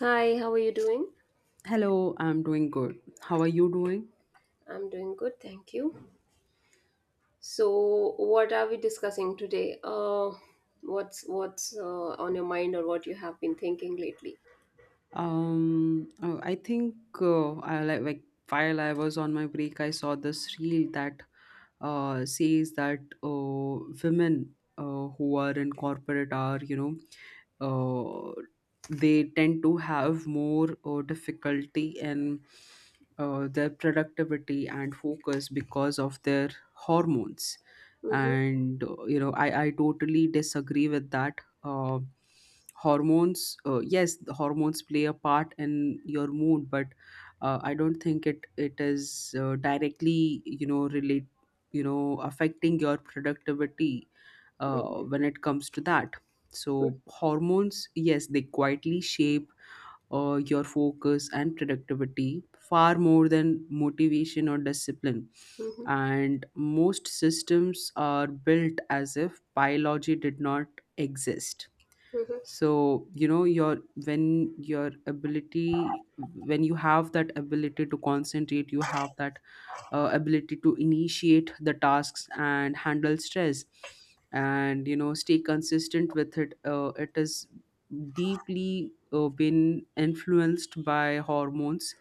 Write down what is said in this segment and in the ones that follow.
Hi, how are you doing? Hello, I'm doing good. How are you doing? I'm doing good, thank you. So, what are we discussing today? What's on your mind or what you have been thinking lately? I think I like while I was on my break, I saw this reel that says that women who are in corporate are, know, uh, they tend to have more difficulty in their productivity and focus because of their hormones. Mm-hmm, And I totally disagree with that. uh, Hormones, yes, the hormones play a part in your mood, but I don't think it is directly, relate, affecting your productivity uh, mm-hmm, when it comes to that. So mm-hmm, hormones, yes, they quietly shape your focus and productivity far more than motivation or discipline, mm-hmm, and most systems are built as if biology did not exist. mm-hmm. So you know your when your ability when you have that ability to concentrate, you have that ability to initiate the tasks and handle stress and, stay consistent with it. It is deeply been influenced by hormones.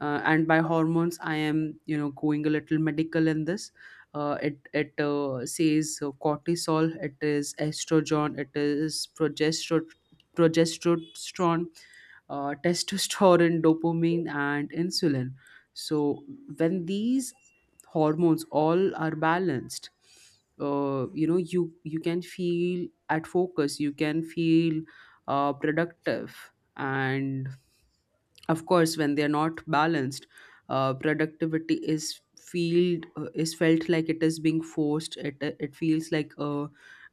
And by hormones, I am, going a little medical in this. It it says, cortisol, it is estrogen, it is progesterone, testosterone, dopamine and insulin. So when these hormones all are balanced, you can feel at focus, you can feel productive. And of course when they're not balanced, productivity is feel is felt like it is being forced. It feels like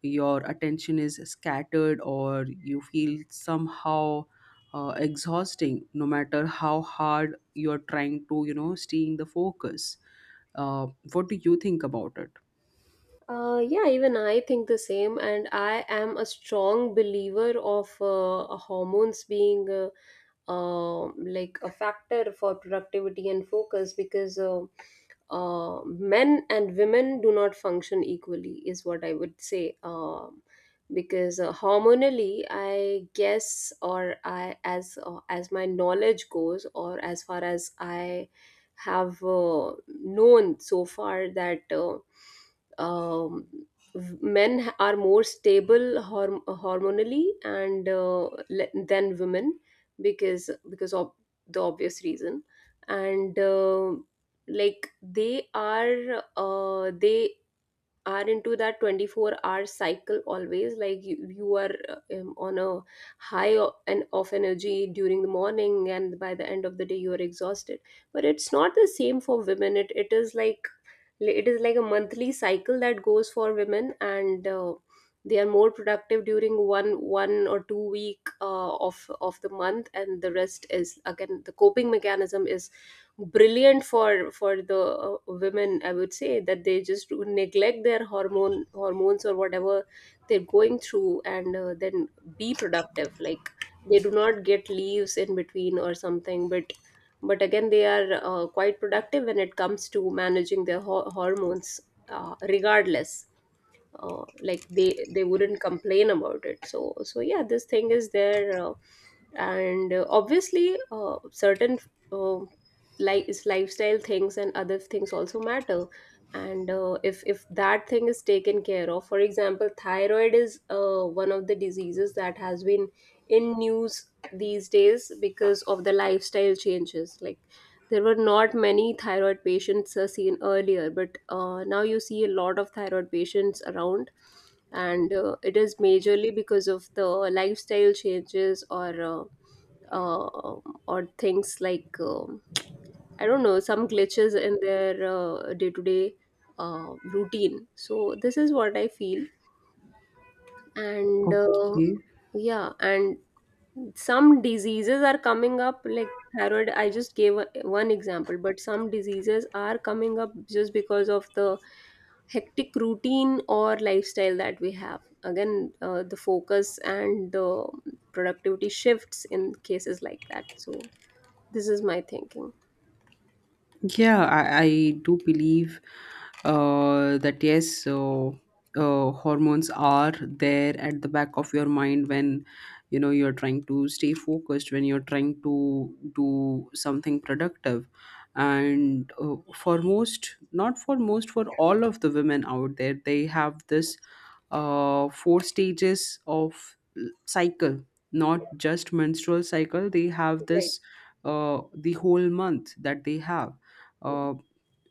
your attention is scattered or you feel somehow exhausting no matter how hard you're trying to, stay in the focus. uh, what do you think about it? Yeah, even I think the same, and I am a strong believer of hormones being like a factor for productivity and focus, because men and women do not function equally, is what I would say. Because hormonally, I guess, or I, as my knowledge goes, or as far as I have known so far, that. Um, Men are more stable hormonally and than women, because of the obvious reason, and like they are into that 24-hour hour cycle always. Like, you are on a high o- and of energy during the morning, and by the end of the day you are exhausted. But it's not the same for women. It is like a monthly cycle that goes for women, and they are more productive during 1 or 2 week of the month, and the rest is, again, the coping mechanism is brilliant for the women, I would say. That they just do neglect their hormones or whatever they're going through, and then be productive, like they do not get leaves in between or something. But again, they are quite productive when it comes to managing their hormones, regardless. Like, they wouldn't complain about it. So yeah, this thing is there. And obviously certain, uh, like, lifestyle things and other things also matter. And if that thing is taken care of, for example, thyroid is one of the diseases that has been in news these days because of the lifestyle changes. Like, there were not many thyroid patients seen earlier, but now you see a lot of thyroid patients around, and it is majorly because of the lifestyle changes, uh, uh, or things like, I don't know, some glitches in their day to day routine. So this is what I feel, and Okay. yeah. And some diseases are coming up, like thyroid. I just gave one example, but some diseases are coming up just because of the hectic routine or lifestyle that we have. Again, the focus and the productivity shifts in cases like that, so this is my thinking. Yeah, I do believe that, yes. So hormones are there at the back of your mind when, you're trying to stay focused, when you're trying to do something productive. And for most, not for most, for all of the women out there, they have this four stages of cycle, not just menstrual cycle. They have this the whole month that they have. uh,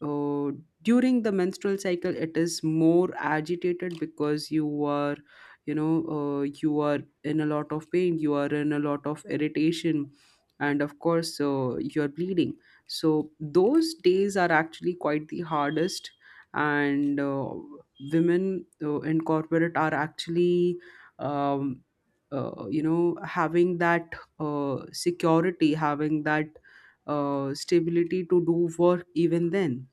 uh, During the menstrual cycle it is more agitated because you are, you are in a lot of pain, you are in a lot of irritation, and of course you're bleeding. So those days are actually quite the hardest. And women in corporate are actually, um, having that security, having that stability to do work. Even then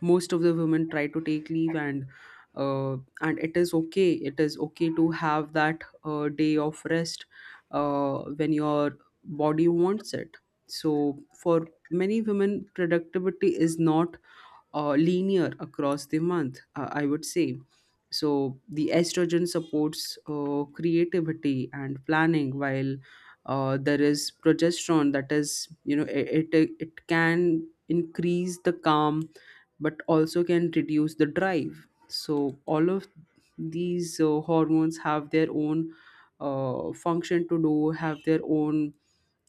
most of the women try to take leave, and it is okay, it is okay to have that day of rest when your body wants it. So for many women, productivity is not linear across the month, I would say. So the estrogen supports creativity and planning, while there is progesterone that is, you know, it can increase the calm, but also can reduce the drive. So all of these hormones have their own function to do, have their own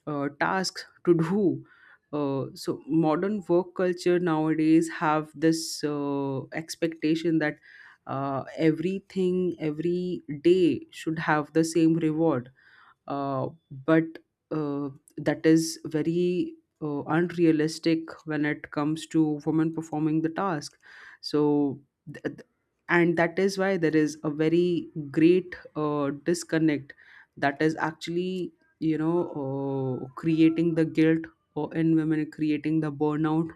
tasks to do. So modern work culture nowadays have this expectation that everything every day should have the same reward, uh, but uh, that is very unrealistic when it comes to women performing the task. so th- th- and that is why there is a very great disconnect that is actually, creating the guilt in women, creating the burnout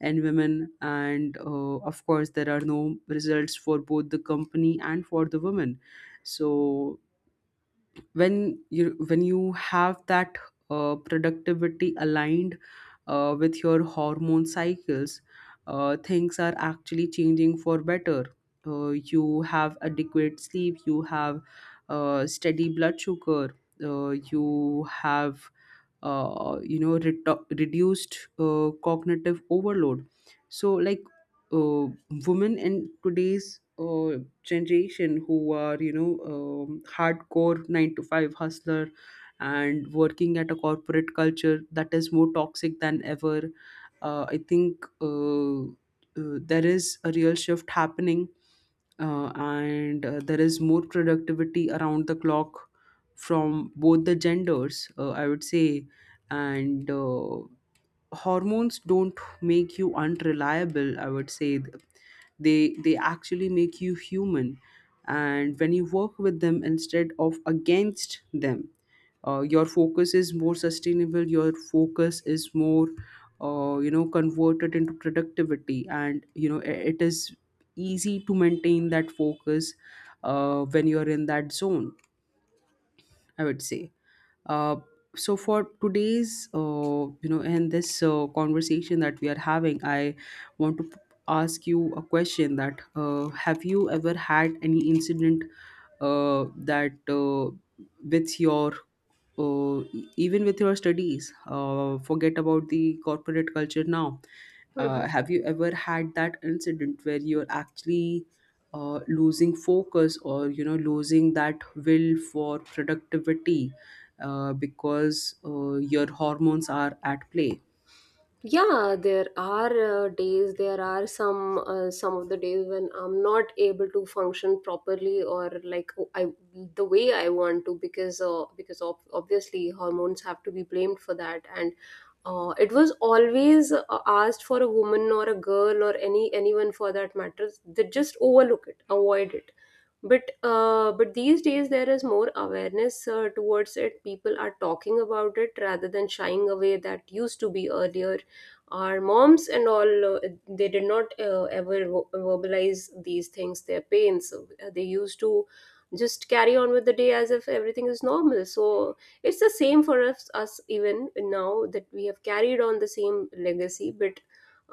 in women, and of course there are no results for both the company and for the women. So when you have that productivity aligned with your hormone cycles, things are actually changing for better. You have adequate sleep, you have steady blood sugar, you have reduced cognitive overload. so like uh, Women in today's generation who are, hardcore 9 to 5 hustler and working at a corporate culture that is more toxic than ever, I think there is a real shift happening, and there is more productivity around the clock from both the genders, I would say. And hormones don't make you unreliable, I would say. They actually make you human, and when you work with them instead of against them, your focus is more sustainable, your focus is more converted into productivity, and it is easy to maintain that focus when you're in that zone, I would say. Uh, so for today's, in this conversation that we are having, I want to ask you a question that have you ever had any incident that with your even with your studies, forget about the corporate culture now. Right. Have you ever had that incident where you're actually losing focus or, losing that will for productivity because your hormones are at play? Yeah, there are days, there are some of the days when I'm not able to function properly, or like, oh, I the way I want to, because ob obviously hormones have to be blamed for that. And it was always asked for a woman or a girl or anyone, for that matter. They just overlook it, avoid it. But these days there is more awareness towards it. People are talking about it rather than shying away, that used to be earlier. Our moms and all, they did not ever verbalize these things, their pains. They used to just carry on with the day as if everything is normal. So it's the same for us even now, that we have carried on the same legacy. But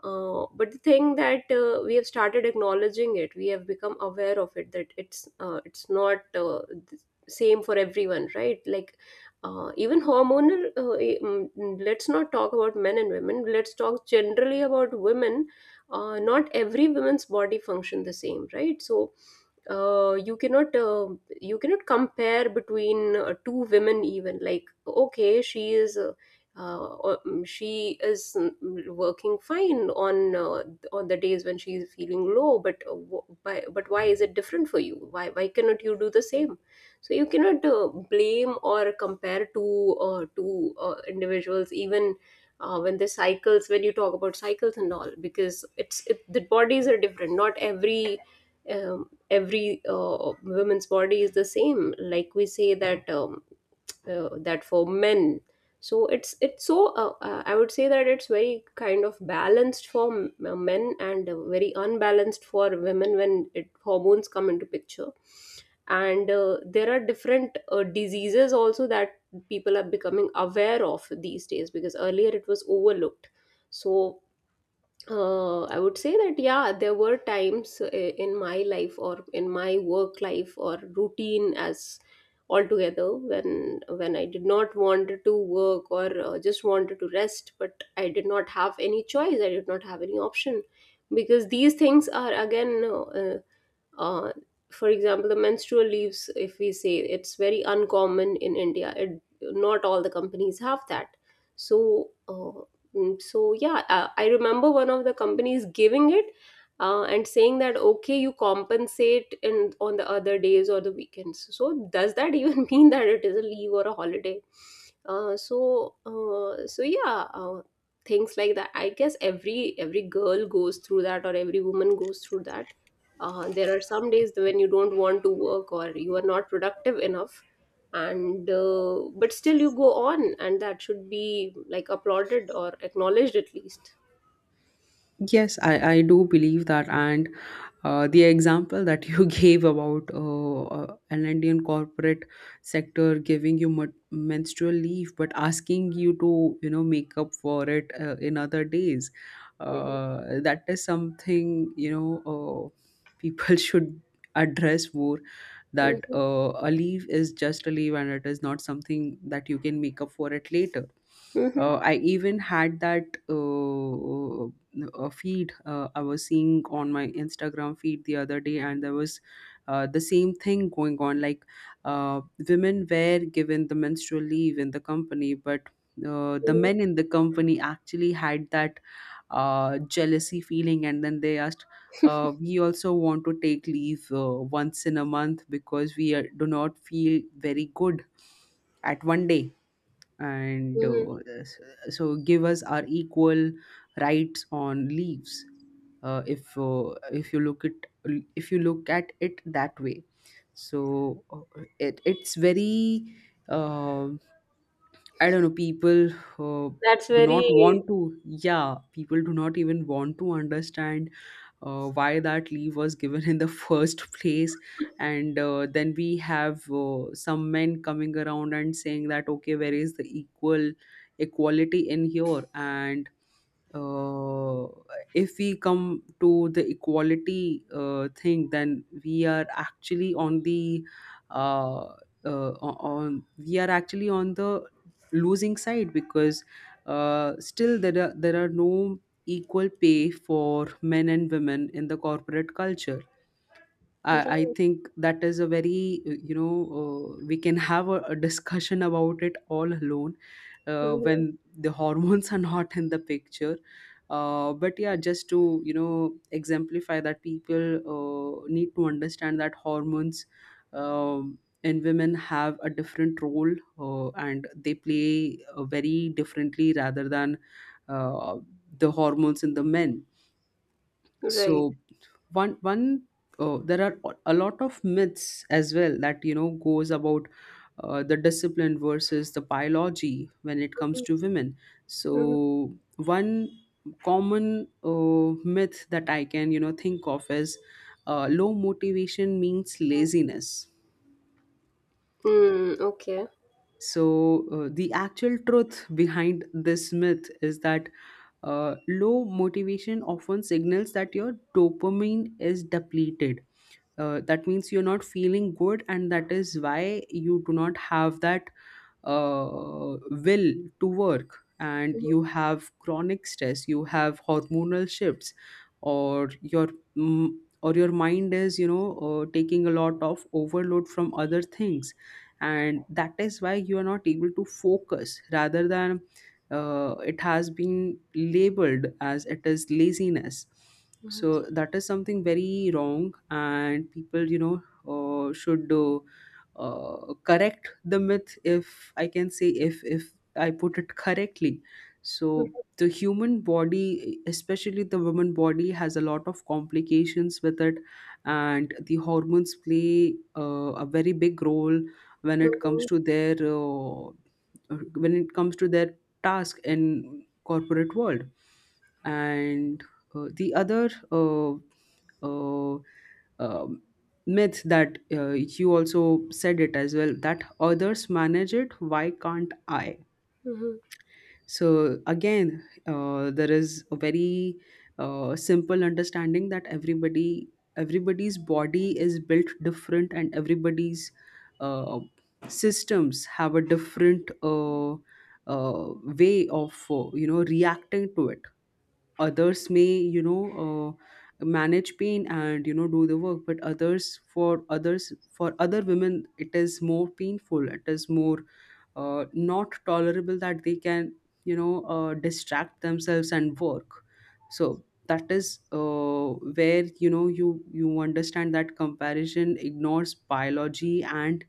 the thing that we have started acknowledging it, we have become aware of it, that it's not the same for everyone, right? Like, even hormonal, let's not talk about men and women, let's talk generally about women. Not every woman's body function the same, right? So uh, you cannot uh, you cannot compare between two women even. Like, okay, she is she is working fine on the days when she is feeling low, but why is it different for you? Why cannot you do the same? So you cannot blame or compare two individuals even, when you talk about cycles and all, because the bodies are different. Not every woman's body is the same, like we say that, that, for men. So it's it's so uh, uh, I would say that it's very kind of balanced for men, and very unbalanced for women when hormones come into picture. And there are different diseases also that people are becoming aware of these days, because earlier it was overlooked. So I would say that yeah, there were times in my life or in my work life or routine as altogether, when I did not want to work or just wanted to rest, but I did not have any choice. I did not have any option, because these things are, again, uh, for example, the menstrual leaves, if we say, it's very uncommon in India. Not all the companies have that. So uh, mm, so yeah, I remember one of the companies giving it, and saying that, okay, you compensate in on the other days or the weekends. So does that even mean that it is a leave or a holiday? So yeah, things like that, I guess. Every girl goes through that, or every woman goes through that. There are some days when you don't want to work or you are not productive enough. And but still you go on, and that should be like applauded or acknowledged at least. Yes, I do believe that. And the example that you gave about an Indian corporate sector giving you menstrual leave, but asking you to, you know, make up for it in other days, Mhm. That is something, you know, people should address more. That Mhm. A leave is just a leave, and it is not something that you can make up for it later. Mhm. I even had that feed, I was seeing on my Instagram feed the other day, and there was the same thing going on. Like uh, women were given the menstrual leave in the company, but the Mhm. men in the company actually had that jealousy feeling, and then they asked. We also want to take leave once in a month because we are, do not feel very good at one day, and Mhm. S- so give us our equal rights on leaves. If you look at it that way, so it's very, uh, I don't know. People uh, That's do not very. want to yeah, people do not even want to understand why that leave was given in the first place. And then we have some men coming around and saying that okay, where is the equality in here? And uh, if we come to the equality thing, then we are actually on the, uh, uh, on we are actually on the losing side, because still there are no equal pay for men and women in the corporate culture. I Right. think that is a very, we can have a discussion about it all alone Mhm. when the hormones are not in the picture. But yeah, just to, you know, exemplify that people need to understand that hormones in women have a different role, and they play very differently rather than uh, the hormones in the men. Right. So one one there are a lot of myths as well that, goes about the discipline versus the biology when it comes to women. So Mhm. one common myth that I can, think of is low motivation means laziness. Mm, okay. So the actual truth behind this myth is that low motivation often signals that your dopamine is depleted. That means you're not feeling good, and that is why you do not have that uh, will to work, and Mhm. you have chronic stress, you have hormonal shifts or your mm, mind is, taking a lot of overload from other things, and that is why you are not able to focus, rather than it has been labeled as it is laziness. Mhm. So that is something very wrong, and people, you know should correct the myth, if I can say, if I put it correctly. So the human body, especially the woman body, has a lot of complications with it, and the hormones play a very big role Mhm. When it comes to their task in corporate world. And the other uh, um, myth that you also said it as well, that others manage it, why can't i? Mhm. So again, there is a very simple understanding that everybody's body is built different, and everybody's uh, systems have a different uh, way of, reacting to it. Others may, you know manage pain and, do the work, but others for others for other women it is more painful, it is more not tolerable, that they can, distract themselves and work. So that is where, you know, you understand that Comparison ignores biology and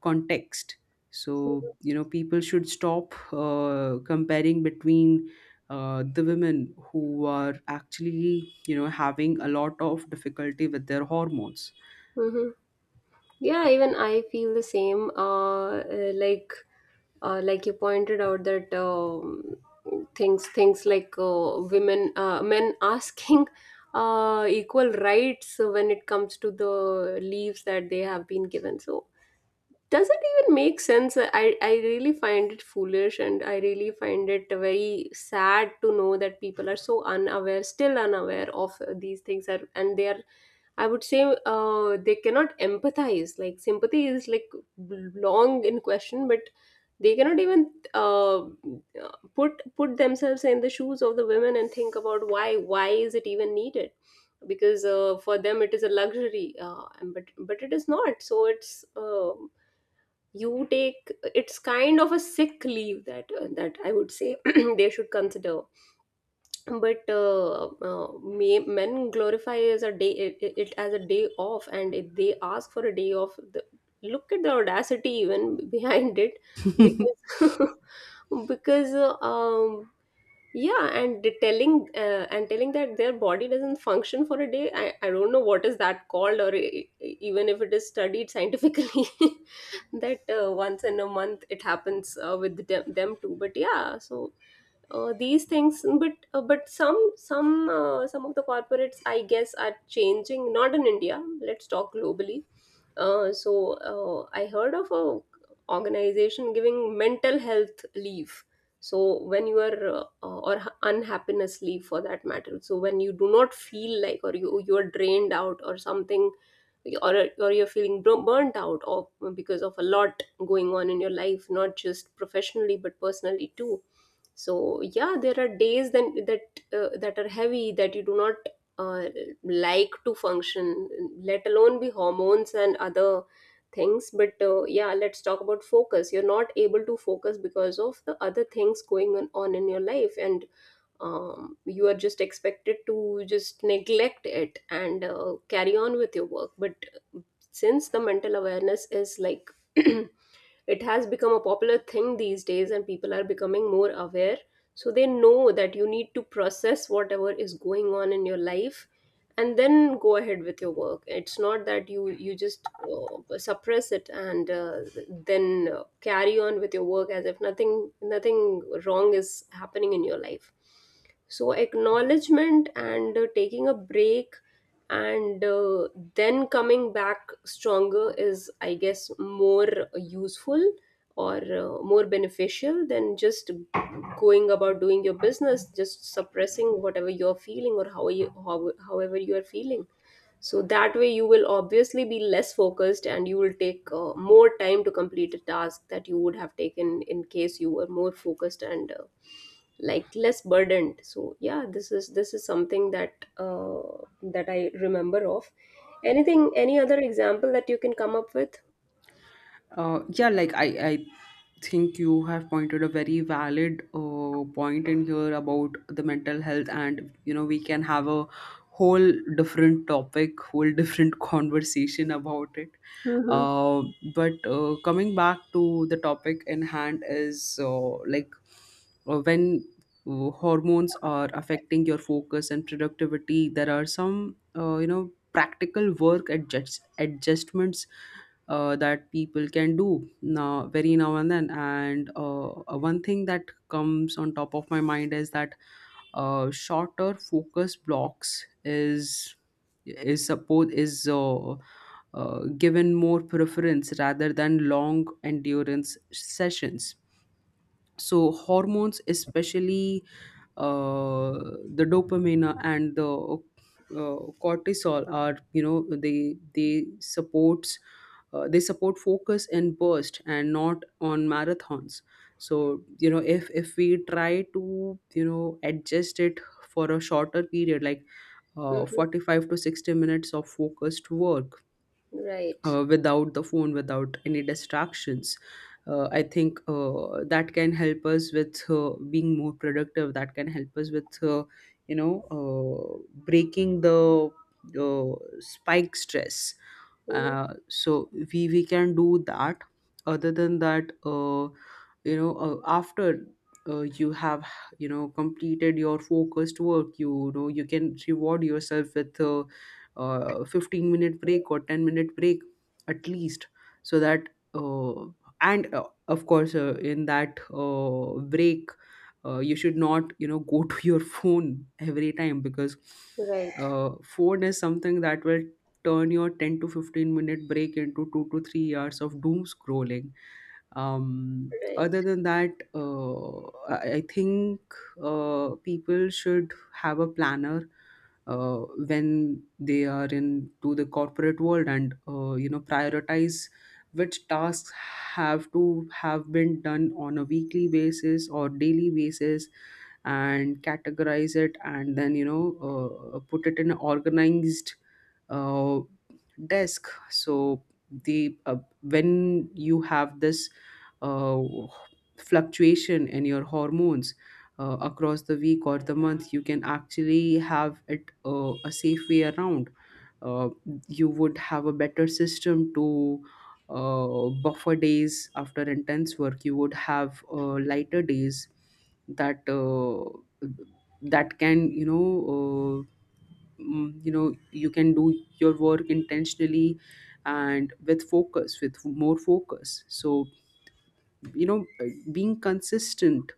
context. So people should stop comparing between the women who are actually having a lot of difficulty with their hormones. Mhm. Yeah, even I feel the same. Like, you pointed out that, things like, women men asking equal rights when it comes to the leaves that they have been given. So does it even make sense? I really find it foolish, and I really find it very sad to know that people are so unaware still unaware of these things are, and they are, I would say, they cannot empathize. Like, sympathy is like long in question, but they cannot even uh, put themselves in the shoes of the women and think about why is it even needed. Because for them it is a luxury, and but it is not. So it's, you take it's kind of a sick leave that, I would say, they should consider. But men glorify as a day, it as a day off. And if they ask for a day off, look at the audacity even behind it. Because because yeah. And the telling uh, and telling that their body doesn't function for a day. I don't know what is that called, or even if it is studied scientifically that once in a month it happens with them too, but yeah. So these things, but some of the corporates, I guess, are changing. Not in India, let's talk globally. I heard of a organization giving mental health leave. So when you are unhappiness, for that matter, so when you do not feel like, or you are drained out or something, or you're feeling burnt out, or because of a lot going on in your life, not just professionally but personally too. So yeah, there are days then that are heavy, that you do not uh, like to function, let alone be hormones and other things. But yeah, let's talk about focus. You're not able to focus because of the other things going on in your life, and you are just expected to just neglect it and carry on with your work. But since the mental awareness is like, it has become a popular thing these days and people are becoming more aware, so they know that you need to process whatever is going on in your life, and then go ahead with your work. It's not that you just suppress it and then carry on with your work as if nothing wrong is happening in your life. So acknowledgement and taking a break and then coming back stronger is, I guess, more useful or more beneficial than just going about doing your business, just suppressing whatever you're feeling, or however you are feeling. So that way, you will obviously be less focused, and you will take more time to complete a task that you would have taken in case you were more focused and like less burdened. So yeah, this is something that that I remember of. Anything, any other example that you can come up with? Yeah, like I think you have pointed a very valid point in here about the mental health, and you know we can have a whole different topic, whole different conversation about it. Mm-hmm. Uh, but coming back to the topic in hand is like when hormones are affecting your focus and productivity, there are some you know practical work adjustments that people can do now, very now and then. And one thing that comes on top of my mind is that shorter focus blocks is given more preference rather than long endurance sessions. So hormones, especially uh, the dopamine and the uh, cortisol, are, you know, they supports, they support focus and burst and not on marathons. So you know if we try to you know adjust it for a shorter period, like Mm-hmm. 45 to 60 minutes of focused work Right. Without the phone, without any distractions. I think that can help us with being more productive. That can help us with, breaking the spike stress. Mm-hmm. So we can do that. Other than that, after you have you know completed your focused work, you know you can reward yourself with 15-minute break or 10-minute break at least, so that and of course in that break you should not you know go to your phone every time, because Right. Phone is something that will turn your 10 to 15 minute break into 2 to 3 hours of doom scrolling. um, Right. other than that uh, i I think people should have a planner uh, when they are into the corporate world, and you know prioritize which tasks have to have been done on a weekly basis or daily basis, and categorize it, and then you know put it in an organized uh, desk. So the uh, when you have this uh, fluctuation in your hormones across the week or the month, you can actually have it a safe way around. uh, you would have a better system to buffer days. After intense work you would have lighter days, that that can you know uh, you know you can do your work intentionally and with focus, with more focus. So you know being consistent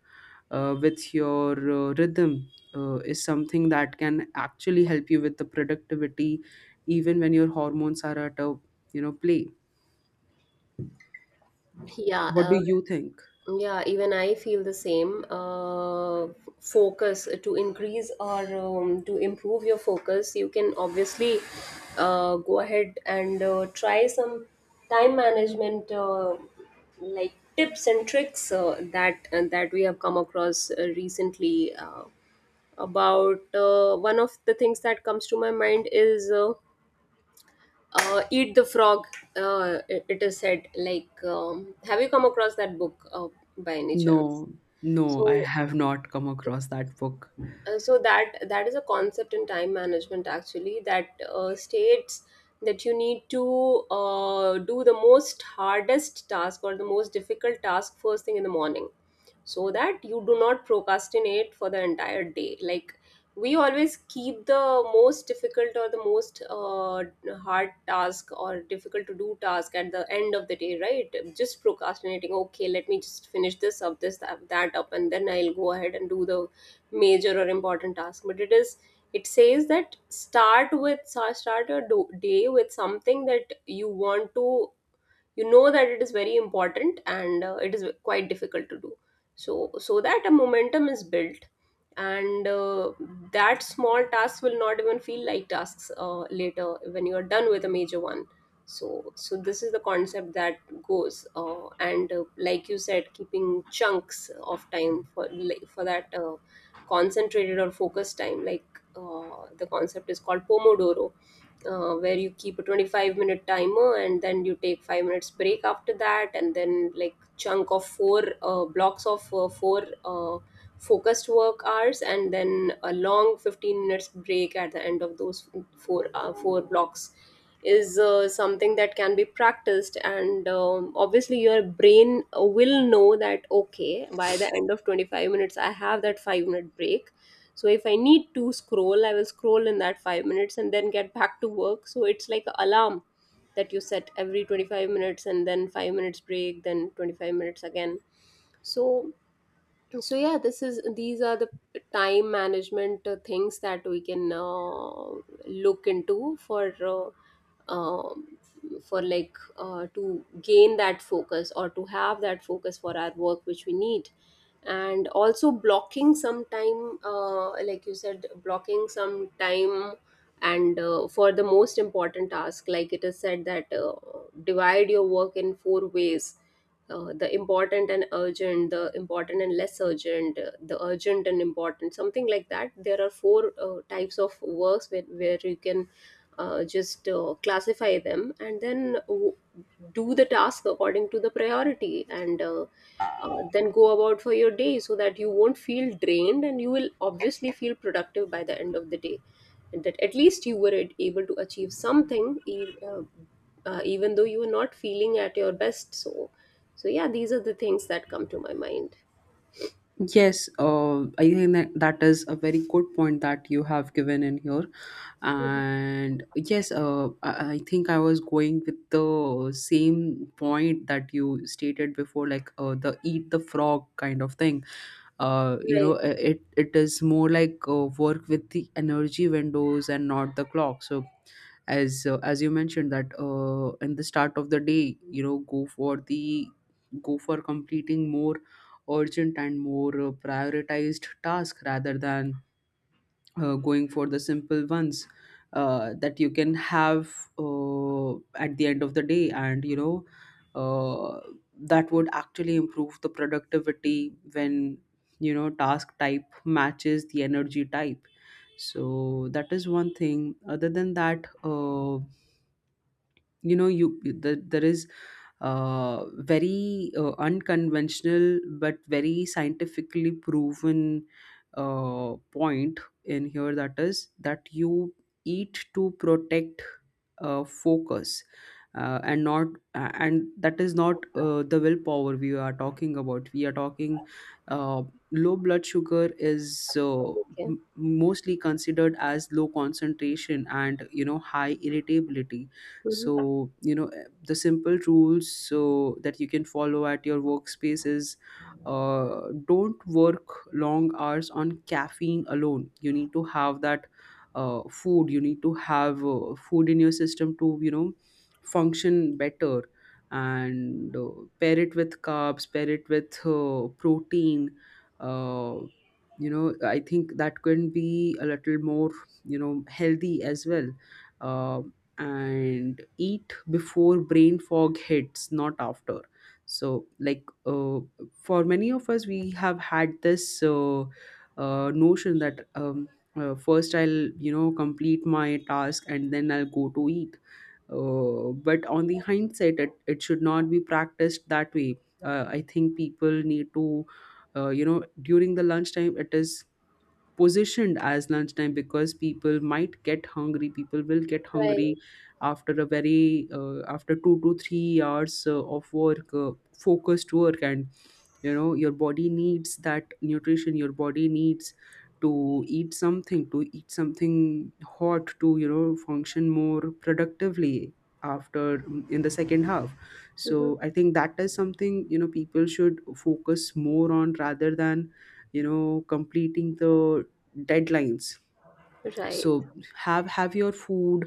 with your rhythm is something that can actually help you with the productivity even when your hormones are at a you know play. Yeah. What do you think? Yeah, even I feel the same. Focus to increase or to improve your focus, you can obviously go ahead and try some time management like, tips and tricks that we have come across recently. About one of the things that comes to my mind is "Eat the Frog." It is said like, have you come across that book by any No. chance? No, I So, have not come across that book. so that is a concept in time management actually that states that you need to do the most hardest task or the most difficult task first thing in the morning, so that you do not procrastinate for the entire day. Like, we always keep the most difficult or the most hard task or difficult to do task at the end of the day, right? Just procrastinating, okay, let me just finish this up, that up, and then I'll go ahead and do the major or important task. But it is, it says that start your day with something that you want to, you know, that it is very important and it is quite difficult to do. So that a momentum is built, and that small task will not even feel like tasks later when you are done with a major one. So this is the concept that goes, and like you said, keeping chunks of time for, for that concentrated or focused time. Like, the concept is called pomodoro, where you keep a 25-minute timer and then you take 5 minutes break after that, and then like chunk of four blocks of four focused work hours, and then a long 15 minutes break at the end of those four four blocks is something that can be practiced. And obviously your brain will know that, okay, by the end of 25 minutes I have that 5-minute break, so if I need to scroll I will scroll in that 5 minutes and then get back to work. So it's like an alarm that you set every 25 minutes and then 5 minutes break, then 25 minutes again. So, yeah, this is these are the time management things that we can look into for, uh, um, for like, to gain that focus or to have that focus for our work which we need. And also blocking some time, like you said, blocking some time and for the most important task. Like it is said that divide your work in four ways: the important and urgent, the important and less urgent, the urgent and important, something like that. There are four types of works where, you can just classify them and then do the task according to the priority, and then go about for your day, so that you won't feel drained and you will obviously feel productive by the end of the day, and that at least you were able to achieve something, even though you were not feeling at your best. So yeah, these are the things that come to my mind. Yes, I think that that is a very good point that you have given in here. And yes, I think I was going with the same point that you stated before, like the eat the frog kind of thing. You know, Right. It it is more like work with the energy windows and not the clock. So as you mentioned that in the start of the day you know go for completing more urgent and more prioritized task rather than going for the simple ones that you can have at the end of the day. And you know uh, that would actually improve the productivity when you know task type matches the energy type. So that is one thing. Other than that you know there is uh, very unconventional but very scientifically proven point in here, that is that you eat to protect focus uh, and not and that is not the willpower we are talking about. We are talking uh, low blood sugar is Okay. Mostly considered as low concentration and you know high irritability. So Hmm. you know the simple rules so that you can follow at your workspace is, don't work long hours on caffeine alone. You need to have that food, you need to have food in your system to you know function better. And pair it with carbs, pair it with protein. uh, you know I think that can be a little more you know healthy as well. uh, and eat before brain fog hits, not after. So like for many of us we have had this notion that first I'll you know complete my task and then I'll go to eat. uh, but on the hindsight it should not be practiced that way. I think people need to you know, during the lunchtime, it is positioned as lunchtime because people might get hungry, people will get Right. hungry after a very after 2 to 3 hours of work, focused work. And you know your body needs that nutrition, your body needs to eat something hot to you know function more productively after, in the second half. Hmm. So I think that is something you know people should focus more on rather than you know completing the deadlines. Right. So have your food.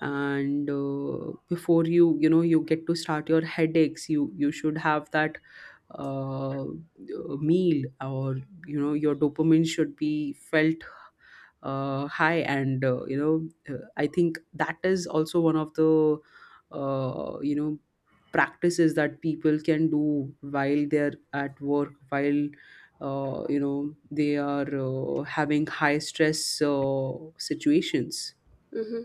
And before you you know you get to start your headaches, you should have that uh, meal, or you know your dopamine should be felt high. And you know I think that is also one of the you know practices that people can do while they're at work, while you know they are having high stress situations. Hmm.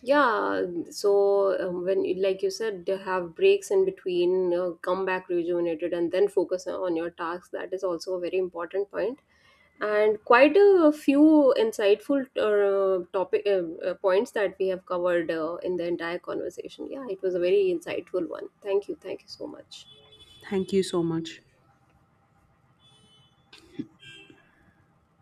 Yeah. So like you said, to have breaks in between, come back rejuvenated and then focus on your tasks, that is also a very important point, and quite a few insightful topic points that we have covered in the entire conversation. Yeah, it was a very insightful one. Thank you, thank you so much. Thank you so much.